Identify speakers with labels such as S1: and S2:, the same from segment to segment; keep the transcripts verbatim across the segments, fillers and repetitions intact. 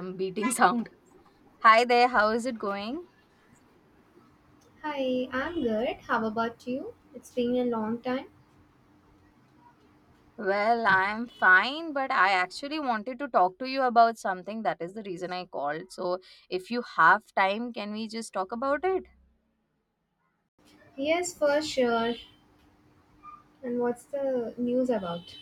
S1: Some beating sound. Hi there, how is it going?
S2: Hi, I'm good. How about you? It's been a long time.
S1: Well, I'm fine, but I actually wanted to talk to you about something. That is the reason I called. So, if you have time, can we just talk about it?
S2: Yes, for sure. And what's the news about?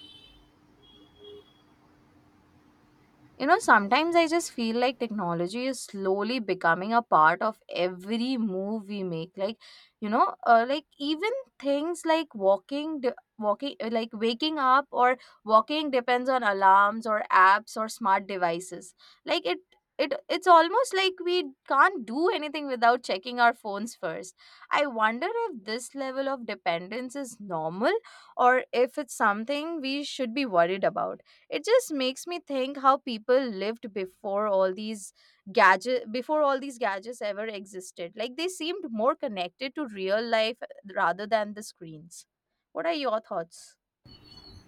S1: You know, sometimes I just feel like technology is slowly becoming a part of every move we make. Like, you know, uh, like even things like walking, de- walking, uh, like waking up or walking depends on alarms or apps or smart devices. Like it, it, it's almost like we can't do anything without checking our phones first. I wonder if this level of dependence is normal or if it's something we should be worried about. It just makes me think how people lived before all these gadget before all these gadgets ever existed. Like, they seemed more connected to real life rather than the screens. What are your thoughts?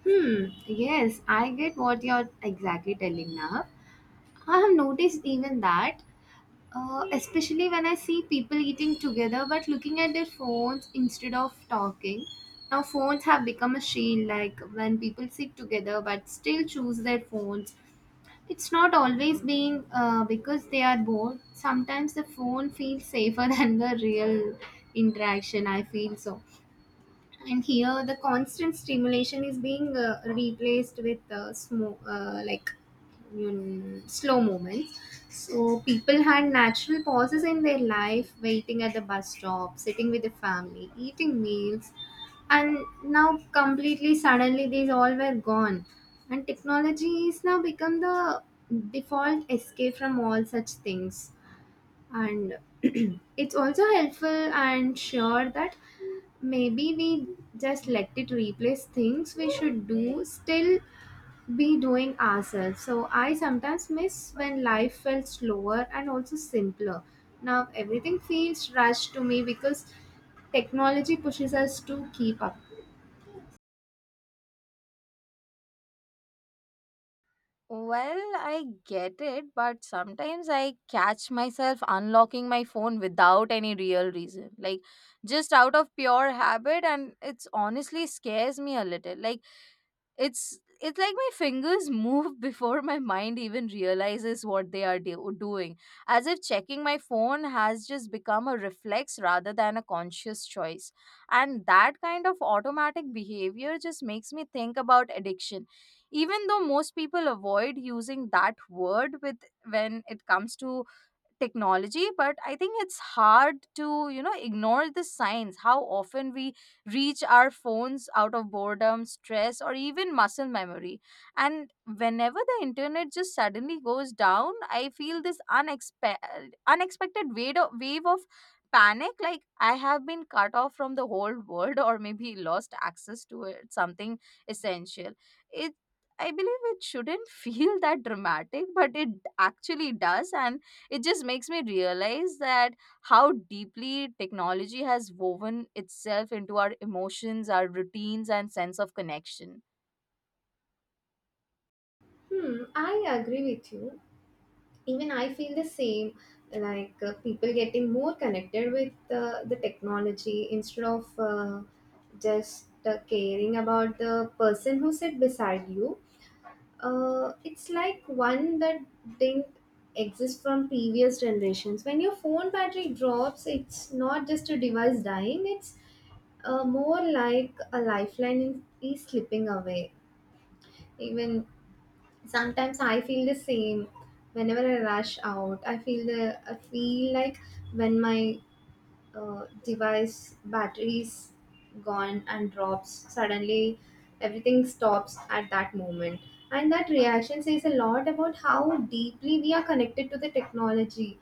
S2: Hmm, yes, I get what you're exactly telling now. I have noticed even that, uh, especially when I see people eating together but looking at their phones instead of talking. Now, phones have become a shield, like when people sit together but still choose their phones. It's not always being uh, because they are bored. Sometimes the phone feels safer than the real interaction. I feel so. And here the constant stimulation is being uh, replaced with uh, smo- uh, like mm, slow movements. So people had natural pauses in their life, waiting at the bus stop, sitting with the family, eating meals. And now completely suddenly these all were gone, and technology is now become the default escape from all such things. And it's also helpful and sure that maybe we just let it replace things we should do, still be doing ourselves. So I sometimes miss when life felt slower and also simpler. Now everything feels rushed to me because technology pushes us to keep up.
S1: Well, I get it, but sometimes I catch myself unlocking my phone without any real reason. Like, just out of pure habit, and it's honestly scares me a little. Like, it's it's like my fingers move before my mind even realizes what they are do- doing, as if checking my phone has just become a reflex rather than a conscious choice, and that kind of automatic behavior just makes me think about addiction, even though most people avoid using that word with when it comes to technology. But I think it's hard to, you know ignore the signs how often we reach our phones out of boredom, stress, or even muscle memory. And whenever the internet just suddenly goes down, I feel this unexpe- unexpected wave of, wave of panic, like I have been cut off from the whole world or maybe lost access to it, something essential. It I believe it shouldn't feel that dramatic, but it actually does. And it just makes me realize that how deeply technology has woven itself into our emotions, our routines, and sense of connection.
S2: Hmm, I agree with you. Even I feel the same. Like uh, people getting more connected with uh, the technology, instead of uh, just uh, caring about the person who sit beside you. Uh, it's like one that didn't exist from previous generations. When your phone battery drops, it's not just a device dying, it's uh, more like a lifeline is slipping away. Even sometimes I feel the same. Whenever I rush out, i feel the i feel like when my uh, device batteries gone and drops suddenly, everything stops at that moment. And that reaction says a lot about how deeply we are connected to the technology.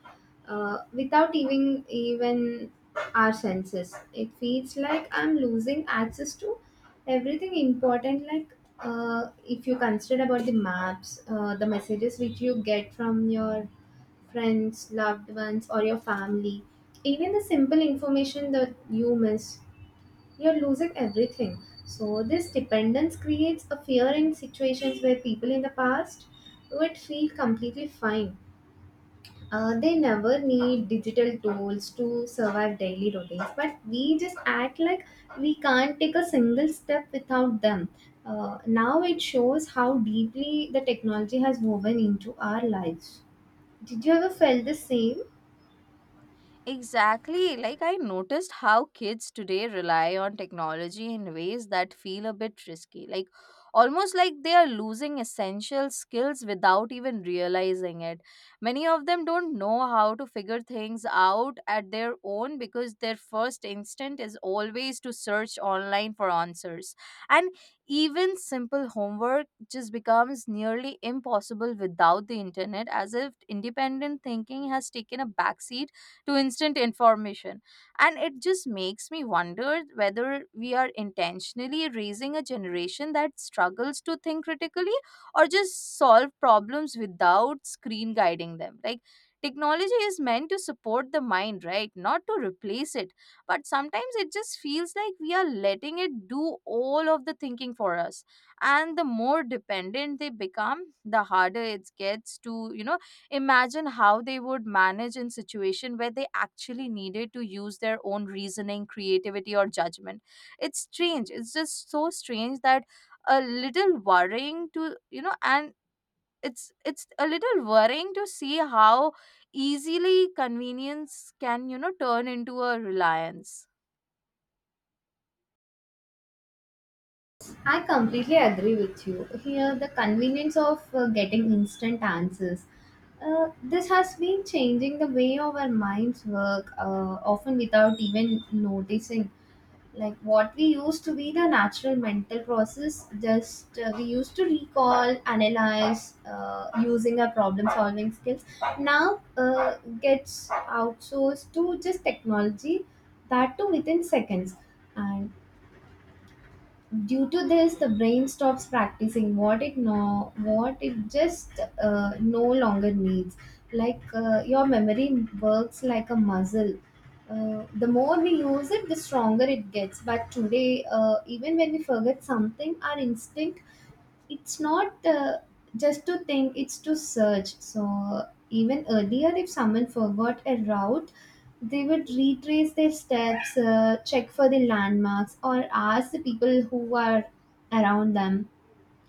S2: uh, Without even even our senses, it feels like I'm losing access to everything important. Like uh, if you consider about the maps, uh, the messages which you get from your friends, loved ones, or your family. Even the simple information that you miss, you're losing everything. So, this dependence creates a fear in situations where people in the past would feel completely fine. Uh, they never need digital tools to survive daily routines, but we just act like we can't take a single step without them. Uh, now it shows how deeply the technology has woven into our lives. Did you ever feel the same?
S1: Exactly. Like, I noticed how kids today rely on technology in ways that feel a bit risky. Like, almost like they are losing essential skills without even realizing it. Many of them don't know how to figure things out at their own because their first instinct is always to search online for answers. And even simple homework just becomes nearly impossible without the internet, as if independent thinking has taken a backseat to instant information. And it just makes me wonder whether we are intentionally raising a generation that struggles to think critically or just solve problems without screen guiding them. Like, technology is meant to support the mind, right? Not to replace it. But sometimes it just feels like we are letting it do all of the thinking for us. And the more dependent they become, the harder it gets to, you know, imagine how they would manage in situation where they actually needed to use their own reasoning, creativity, or judgment. It's strange, it's just so strange that a little worrying to, you know and it's it's a little worrying to see how easily convenience can, you know turn into a reliance.
S2: I completely agree with you. Here, the convenience of uh, getting instant answers. Uh, this has been changing the way our minds work, uh, often without even noticing. Like what we used to be the natural mental process, just uh, we used to recall, analyze, uh, using our problem solving skills. Now uh, gets outsourced to just technology, that too within seconds. And due to this the brain stops practicing what it no what it just uh, no longer needs. Like uh, your memory works like a muscle. Uh, the more we use it, the stronger it gets. But today uh, even when we forget something, our instinct, it's not uh, just to think, it's to search. So even earlier if someone forgot a route, they would retrace their steps, uh, check for the landmarks, or ask the people who are around them.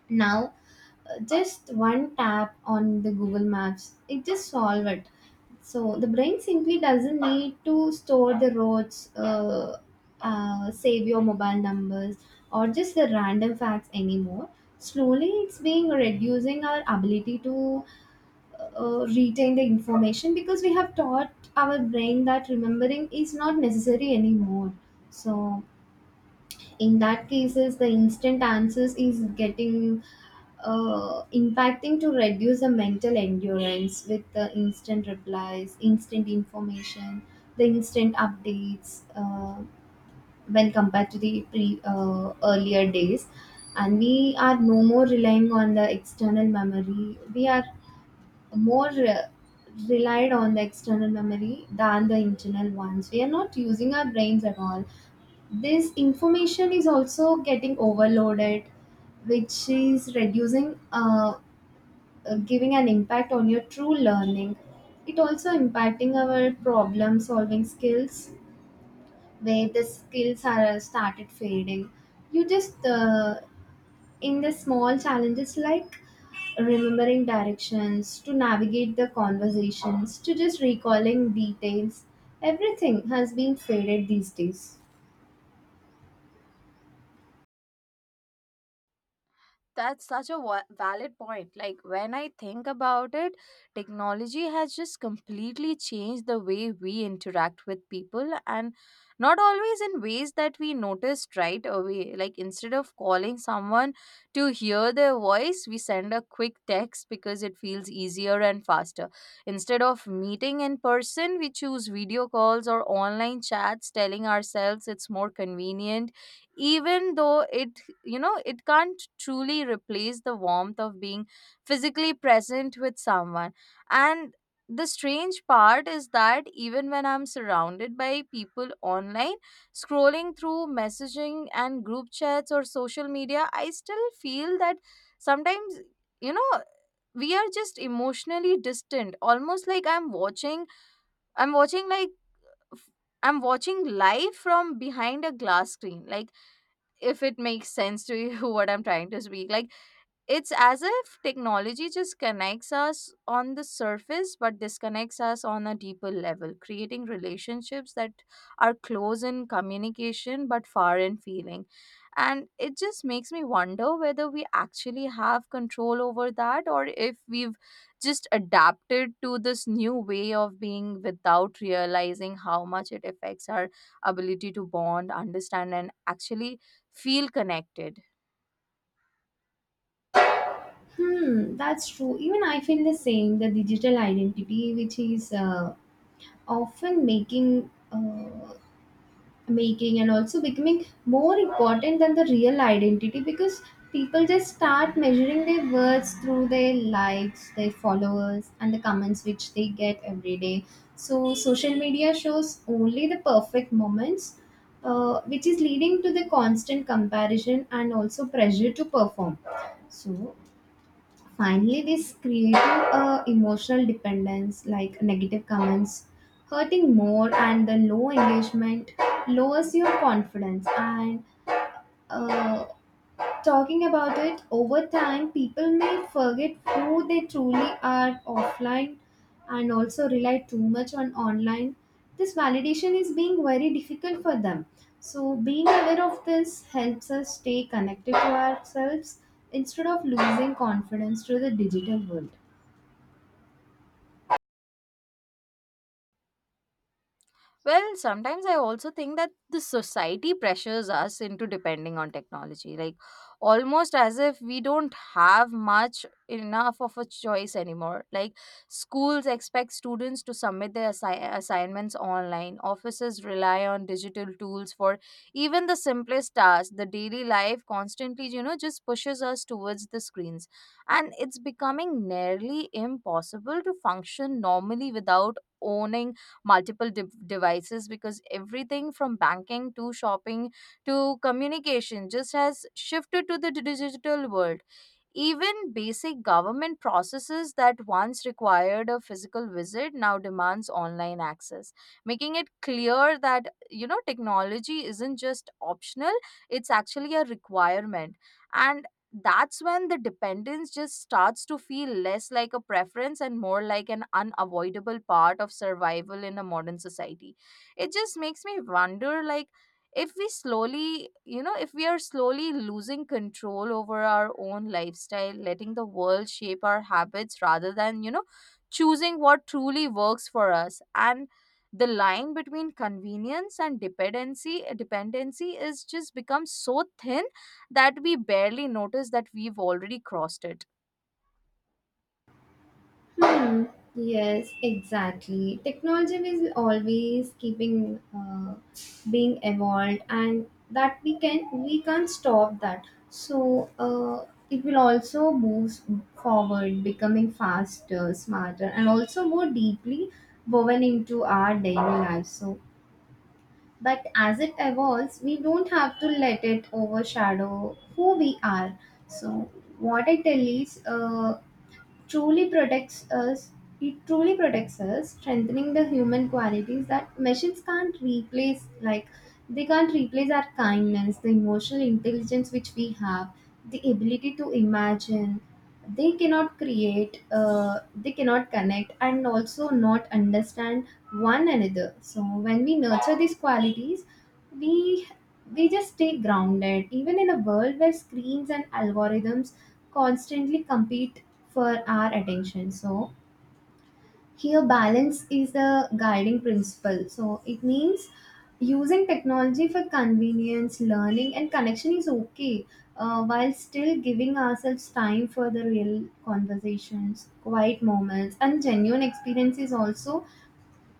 S2: Now just one tap on the Google Maps, it just solve it. So the brain simply doesn't need to store the roads, uh, uh, save your mobile numbers, or just the random facts anymore. Slowly it's being reducing our ability to uh, retain the information, because we have taught our brain that remembering is not necessary anymore. So in that cases the instant answers is getting uh, impacting to reduce the mental endurance, with the instant replies, instant information, the instant updates, uh, when compared to the pre uh, earlier days. And we are no more relying on the external memory, we are more uh, relied on the external memory than the internal ones. We are not using our brains at all. This information is also getting overloaded, which is reducing uh, uh, giving an impact on your true learning. It also impacting our problem solving skills, where the skills are uh, started fading. You just uh, In the small challenges like remembering directions, to navigate the conversations, to just recalling details, everything has been faded these days.
S1: That's such a wa- valid point. Like, when I think about it, technology has just completely changed the way we interact with people, and not always in ways that we noticed right away. Like, instead of calling someone to hear their voice, we send a quick text because it feels easier and faster. Instead of meeting in person, we choose video calls or online chats, telling ourselves it's more convenient, even though it you know it can't truly replace the warmth of being physically present with someone. And the strange part is that even when I'm surrounded by people online, scrolling through messaging and group chats or social media, I still feel that sometimes, you know we are just emotionally distant, almost like i'm watching i'm watching like I'm watching live from behind a glass screen. Like, if it makes sense to you what I'm trying to speak. Like, it's as if technology just connects us on the surface, but disconnects us on a deeper level, creating relationships that are close in communication but far in feeling. And it just makes me wonder whether we actually have control over that or if we've just adapted to this new way of being without realizing how much it affects our ability to bond, understand, and actually feel connected.
S2: Hmm, that's true. Even I feel the same. The digital identity, which is uh, often making, uh, making, and also becoming more important than the real identity, because people just start measuring their words through their likes, their followers, and the comments which they get every day. So social media shows only the perfect moments, uh, which is leading to the constant comparison and also pressure to perform. So finally, this created a emotional dependence, like negative comments hurting more, and the low engagement lowers your confidence. And uh, talking about it, over time people may forget who they truly are offline, and also rely too much on online. This validation is being very difficult for them. So being aware of this helps us stay connected to ourselves, instead of losing confidence to the digital world.
S1: Well, sometimes I also think that the society pressures us into depending on technology, like almost as if we don't have much enough of a choice anymore. Like, schools expect students to submit their assi- assignments online, offices rely on digital tools for even the simplest tasks. The daily life constantly, you know, just pushes us towards the screens, and it's becoming nearly impossible to function normally without owning multiple de- devices, because everything from banking to shopping to communication just has shifted to the digital world. Even basic government processes that once required a physical visit now demands online access, making it clear that, you know technology isn't just optional, it's actually a requirement. And that's when the dependence just starts to feel less like a preference and more like an unavoidable part of survival in a modern society. It just makes me wonder like, if we slowly you know if we are slowly losing control over our own lifestyle, letting the world shape our habits rather than, you know choosing what truly works for us. And the line between convenience and dependency dependency is just become so thin that we barely notice that we've already crossed it.
S2: Mm, yes, exactly. Technology is always keeping uh, being evolved, and that we can we can't stop that. So uh, it will also move forward, becoming faster, smarter, and also more deeply woven into our daily life. So, but as it evolves, we don't have to let it overshadow who we are. So what I tell is, Uh, truly protects us it truly protects us, strengthening the human qualities that machines can't replace. Like they can't replace our kindness, the emotional intelligence which we have, the ability to imagine. They cannot create, uh, they cannot connect, and also not understand one another. So when we nurture these qualities, we we just stay grounded even in a world where screens and algorithms constantly compete for our attention. So here, balance is the guiding principle. So, it means using technology for convenience, learning, and connection is okay, uh, while still giving ourselves time for the real conversations, quiet moments, and genuine experiences also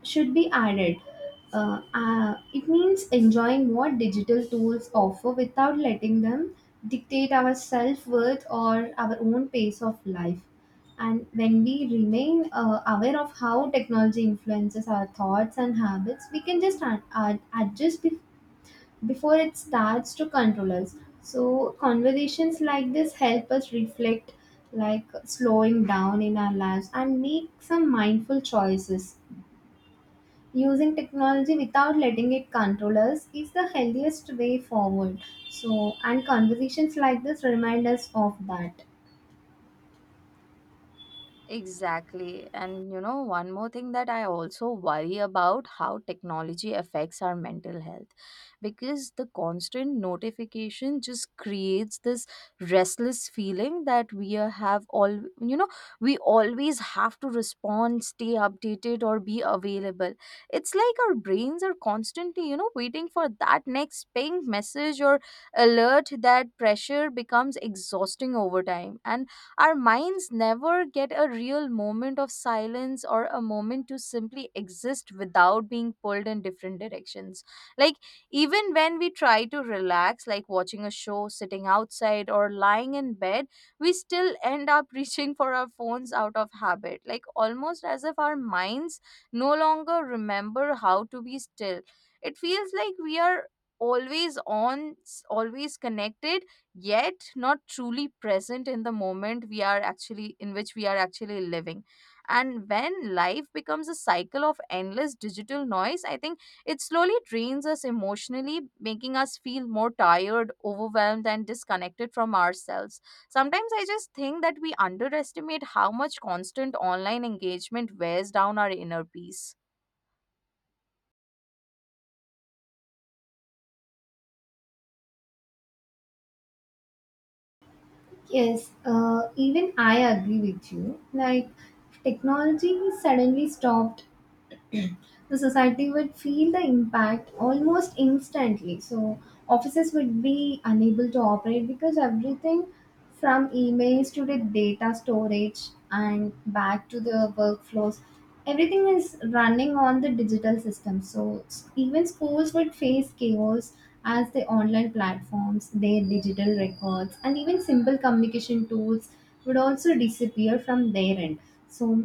S2: should be added. Uh, uh, it means enjoying what digital tools offer without letting them dictate our self worth or our own pace of life. And when we remain uh, aware of how technology influences our thoughts and habits, we can just ad- ad- adjust bef- before it starts to control us. So, conversations like this help us reflect, like slowing down in our lives, and make some mindful choices. Using technology without letting it control us is the healthiest way forward. So, and conversations like this remind us of that.
S1: Exactly. And you know, one more thing that I also worry about how technology affects our mental health, because the constant notification just creates this restless feeling that we are- have all, you know, we always have to respond, stay updated, or be available. It's like our brains are constantly, you know, waiting for that next ping message or alert. That pressure becomes exhausting over time. And our minds never get a real moment of silence or a moment to simply exist without being pulled in different directions. Like, even when we try to relax, like watching a show, sitting outside, or lying in bed, we still end up reaching for our phones out of habit. Like, almost as if our minds no longer remember how to be still. It feels like we are always on, s- always connected, yet not truly present in the moment we are actually in which we are actually living. And when life becomes a cycle of endless digital noise, I think it slowly drains us emotionally, making us feel more tired, overwhelmed, and disconnected from ourselves. Sometimes I just think that we underestimate how much constant online engagement wears down our inner peace.
S2: Yes, uh, even I agree with you. Like, if technology suddenly stopped, the society would feel the impact almost instantly. So offices would be unable to operate, because everything from emails to the data storage and back to the workflows, everything is running on the digital system. So s- even schools would face chaos, as the online platforms, their digital records, and even simple communication tools would also disappear from their end. So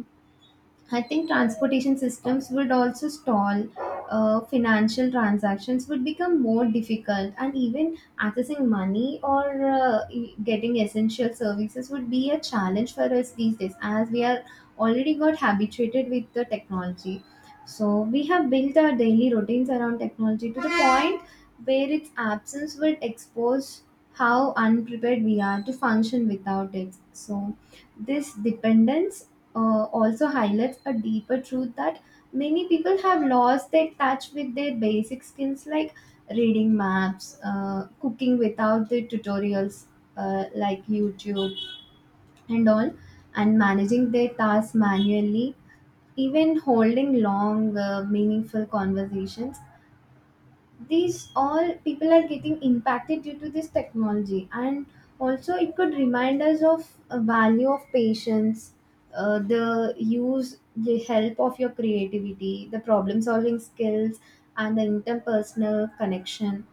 S2: I think transportation systems would also stall, uh, financial transactions would become more difficult, and even accessing money or uh, e- getting essential services would be a challenge for us these days, as we are already got habituated with the technology. So, we have built our daily routines around technology to the point where its absence would expose how unprepared we are to function without it. So, this dependence uh, also highlights a deeper truth, that many people have lost their touch with their basic skills, like reading maps, uh, cooking without the tutorials, uh, like YouTube, and all, and managing their tasks manually, even holding long uh, meaningful conversations. These all people are getting impacted due to this technology, and also it could remind us of a value of patience, uh, the use the help of your creativity, the problem solving skills, and the interpersonal connection.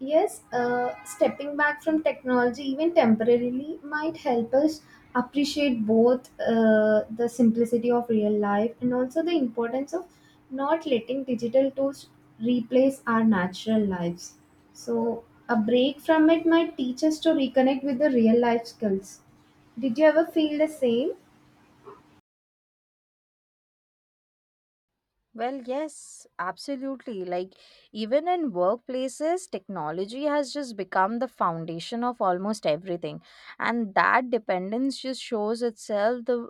S2: Yes, uh, stepping back from technology, even temporarily, might help us appreciate both uh, the simplicity of real life, and also the importance of not letting digital tools replace our natural lives. So, a break from it might teach us to reconnect with the real life skills. Did you ever feel the same?
S1: Well, yes, absolutely. Like, even in workplaces, technology has just become the foundation of almost everything. And that dependence just shows itself the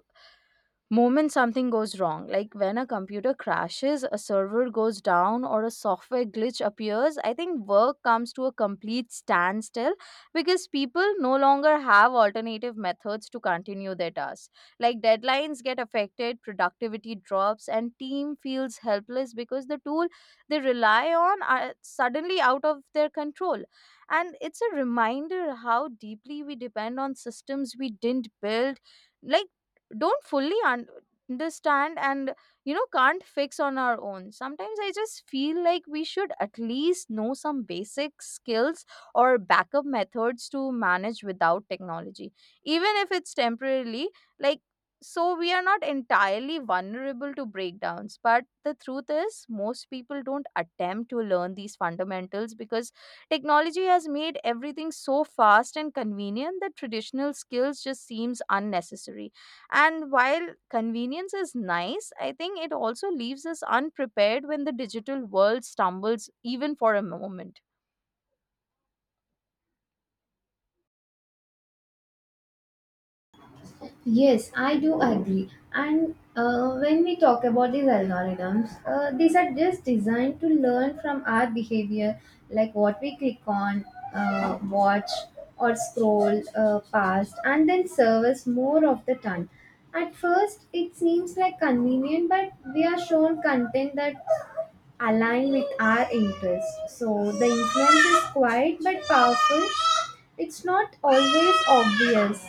S1: moment something goes wrong, like when a computer crashes, a server goes down, or a software glitch appears. I think work comes to a complete standstill because people no longer have alternative methods to continue their tasks. Like, deadlines get affected, productivity drops, and team feels helpless because the tool they rely on are suddenly out of their control. And it's a reminder how deeply we depend on systems we didn't build, like don't fully un- understand and, you know can't fix on our own. Sometimes I just feel like we should at least know some basic skills or backup methods to manage without technology, even if it's temporarily. Like, so we are not entirely vulnerable to breakdowns. But the truth is most people don't attempt to learn these fundamentals because technology has made everything so fast and convenient that traditional skills just seems unnecessary. And while convenience is nice, I think it also leaves us unprepared when the digital world stumbles even for a moment.
S2: Yes, I do agree. And uh, when we talk about these algorithms, uh, these are just designed to learn from our behavior, like what we click on, uh, watch, or scroll uh, past, and then serve us more of the time. At first, it seems like convenient, but we are shown content that align with our interests. So the influence is quiet but powerful. It's not always obvious.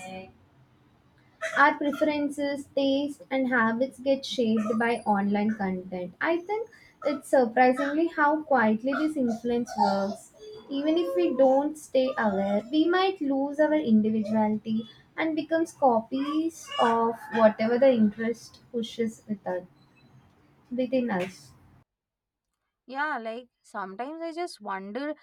S2: Our preferences, taste, and habits get shaped by online content. I think it's surprisingly how quietly this influence works. Even if we don't stay aware, we might lose our individuality and becomes copies of whatever the interest pushes with us, within us.
S1: Yeah, like sometimes I just wonder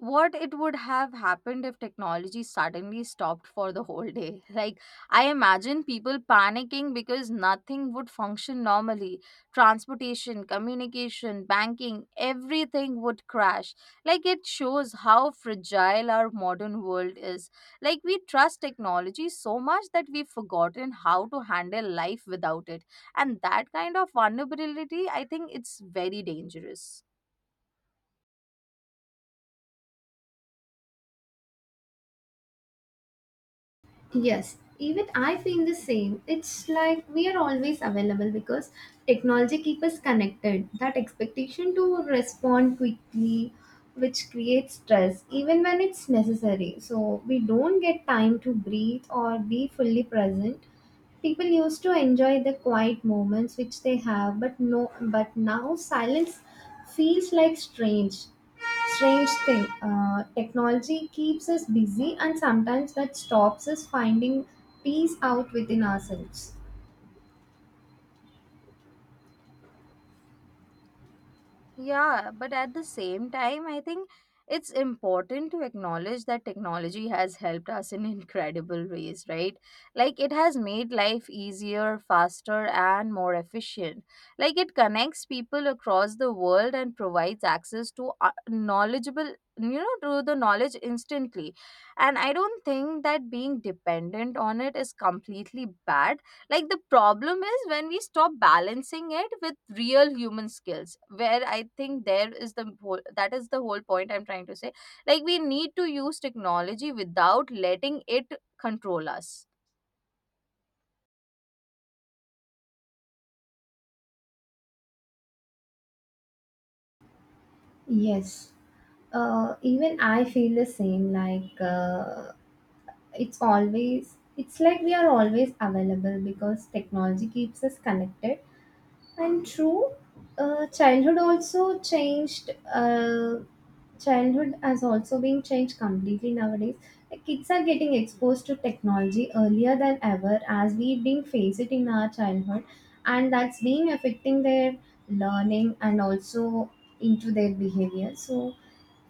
S1: what it would have happened if technology suddenly stopped for the whole day. Like, I imagine people panicking because nothing would function normally. Transportation, communication, banking, everything would crash. Like, it shows how fragile our modern world is. Like, we trust technology so much that we've forgotten how to handle life without it. And that kind of vulnerability, I think it's very dangerous.
S2: Yes, even I feel the same. It's like we are always available because technology keeps us connected. That expectation to respond quickly, which creates stress, even when it's necessary. So we don't get time to breathe or be fully present. People used to enjoy the quiet moments which they have, but no, but now silence feels like strange. Strange thing, uh, technology keeps us busy, and sometimes that stops us finding peace out within ourselves.
S1: Yeah, but at the same time, I think it's important to acknowledge that technology has helped us in incredible ways, right? Like, it has made life easier, faster, and more efficient. Like, it connects people across the world and provides access to uh, knowledgeable, you know, to the knowledge instantly. And I don't think that being dependent on it is completely bad. Like, the problem is when we stop balancing it with real human skills, where I think there is the whole that is the whole point I'm trying to say. Like, we need to use technology without letting it control us.
S2: Yes. Uh, even I feel the same. Like uh, it's always, it's like we are always available because technology keeps us connected, and true, uh, childhood also changed. Uh, childhood has also been changed completely nowadays. Like, kids are getting exposed to technology earlier than ever, as we didn't face it in our childhood, and that's been affecting their learning and also into their behavior. So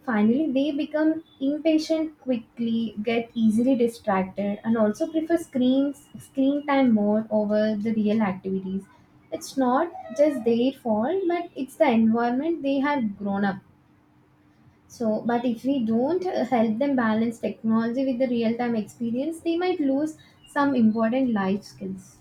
S2: finally, they become impatient quickly, get easily distracted, and also prefer screens screen time more over the real activities. It's not just their fault, but it's the environment they have grown up. So, but if we don't uh, help them balance technology with the real time experience, they might lose some important life skills.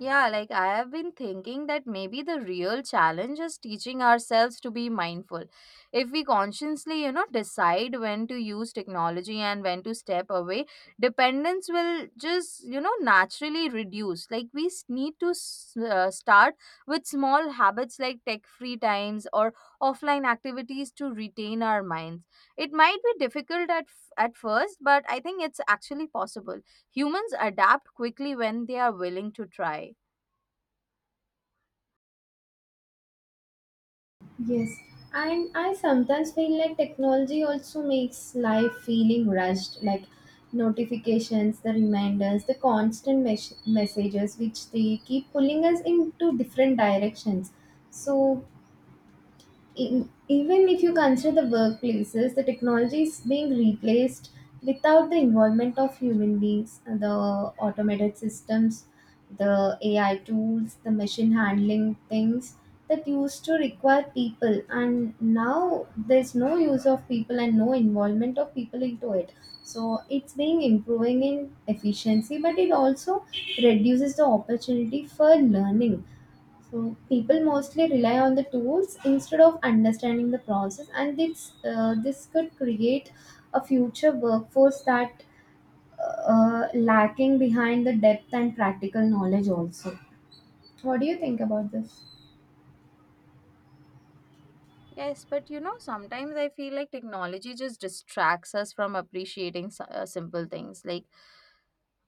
S1: Yeah, like I have been thinking that maybe the real challenge is teaching ourselves to be mindful. If we consciously, you know, decide when to use technology and when to step away, dependence will just, you know, naturally reduce. Like, we s- need to s- uh, start with small habits like tech free times or offline activities to retain our minds. It might be difficult at f- at first, but I think it's actually possible. Humans adapt quickly when they are willing to try.
S2: Yes, and I sometimes feel like technology also makes life feeling rushed, like notifications, the reminders, the constant mes- messages, which they keep pulling us into different directions. So in, even if you consider the workplaces, the technology is being replaced without the involvement of human beings. uh, The automated systems, the A I tools, the machine handling things that used to require people, and now there's no use of people and no involvement of people into it. So it's being improving in efficiency, but it also reduces the opportunity for learning so people mostly rely on the tools instead of understanding the process, and this uh, this could create a future workforce that uh, uh, lacking behind the depth and practical knowledge. Also, what do you think about this?
S1: Yes, but you know, sometimes I feel like technology just distracts us from appreciating s- uh, simple things. Like,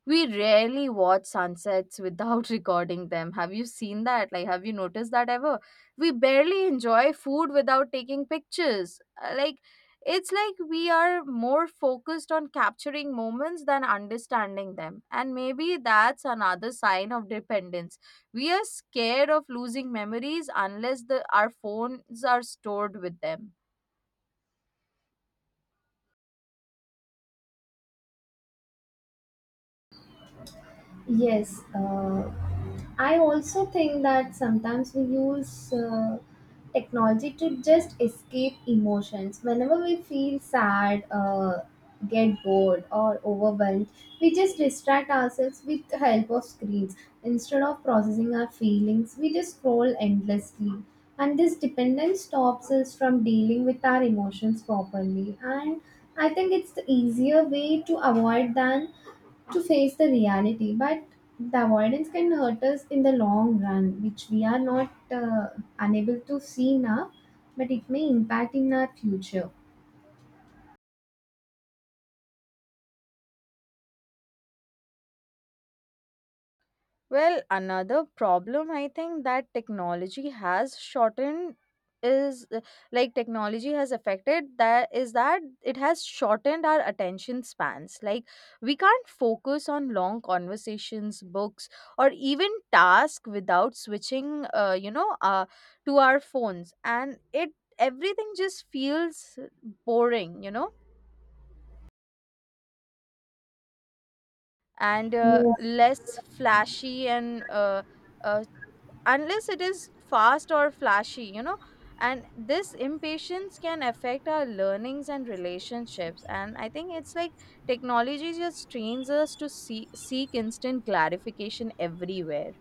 S1: we rarely watch sunsets without recording them. Have you seen that? Like, have you noticed that ever? We barely enjoy food without taking pictures. Uh, Like, it's like we are more focused on capturing moments than understanding them. And maybe that's another sign of dependence. We are scared of losing memories unless the, our phones are stored with them.
S2: Yes, uh, I also think that sometimes we use uh, technology to just escape emotions. Whenever we feel sad, uh, get bored, or overwhelmed, we just distract ourselves with the help of screens. Instead of processing our feelings, we just scroll endlessly. And this dependence stops us from dealing with our emotions properly. And I think it's the easier way to avoid than to face the reality, but the avoidance can hurt us in the long run, which we are not uh, unable to see now, but it may impact in our future.
S1: Well, another problem I think that technology has shortened is uh, like technology has affected that is that it has shortened our attention spans. Like, we can't focus on long conversations, books, or even tasks without switching, uh, you know, uh, to our phones, and it everything just feels boring, you know, and uh,
S2: Yes.
S1: less flashy and uh, uh, unless it is fast or flashy, you know. And this impatience can affect our learnings and relationships. And I think it's like technology just trains us to see, seek instant clarification everywhere.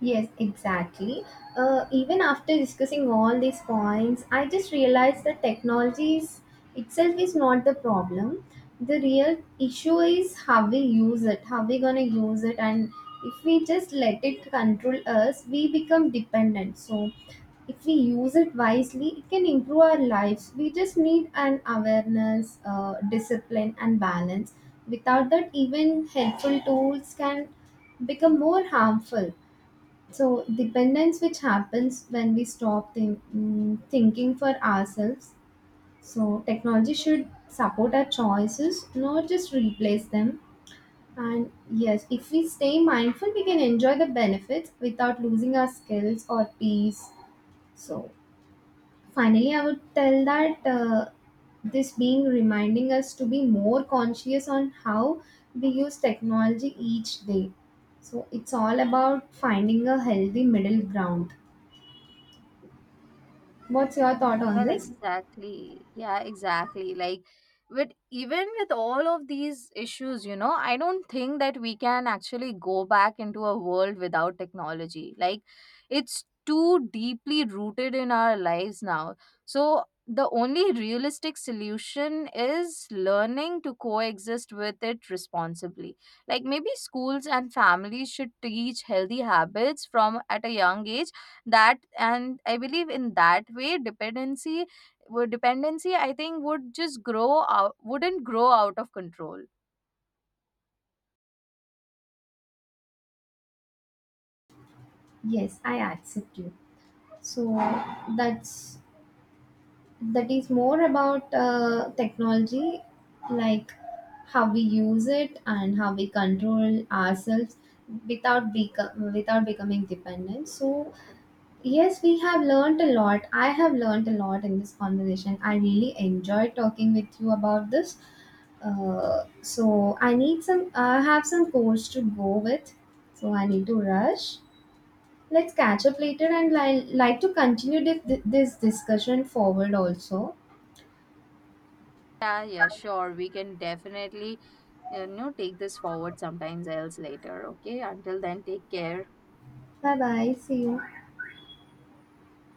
S2: Yes, exactly. Uh, even after discussing all these points, I just realized that technology is, itself is not the problem. The real issue is how we use it, how we gonna use it, and if we just let it control us, we become dependent. So, if we use it wisely, it can improve our lives. We just need an awareness, uh, discipline, and balance. Without that, even helpful tools can become more harmful. So, dependence which happens when we stop think, mm, thinking for ourselves. So, technology should support our choices, not just replace them. And yes, if we stay mindful, we can enjoy the benefits without losing our skills or peace. So, finally, I would tell that uh, this being reminding us to be more conscious on how we use technology each day. So, it's all about finding a healthy middle ground. What's your thought on
S1: Well,
S2: this?
S1: exactly. Yeah, exactly. Like, but even with all of these issues, you know, I don't think that we can actually go back into a world without technology. Like, it's too deeply rooted in our lives now. So, the only realistic solution is learning to coexist with it responsibly. Like, maybe schools and families should teach healthy habits from at a young age. That and I believe in that way, dependency would dependency, I think, would just grow out wouldn't grow out of control.
S2: Yes, I accept you. So that's that is more about uh, technology, like how we use it and how we control ourselves without beco- without becoming dependent. So yes, we have learned a lot. I have learned a lot in this conversation. I really enjoyed talking with you about this. Uh, so I need some. I have some course to go with. So I need to rush. Let's catch up later and I like to continue this, this discussion forward also.
S1: Yeah, yeah, sure, we can definitely, you know, take this forward sometimes else later. Okay, until then, take care.
S2: Bye bye. See you.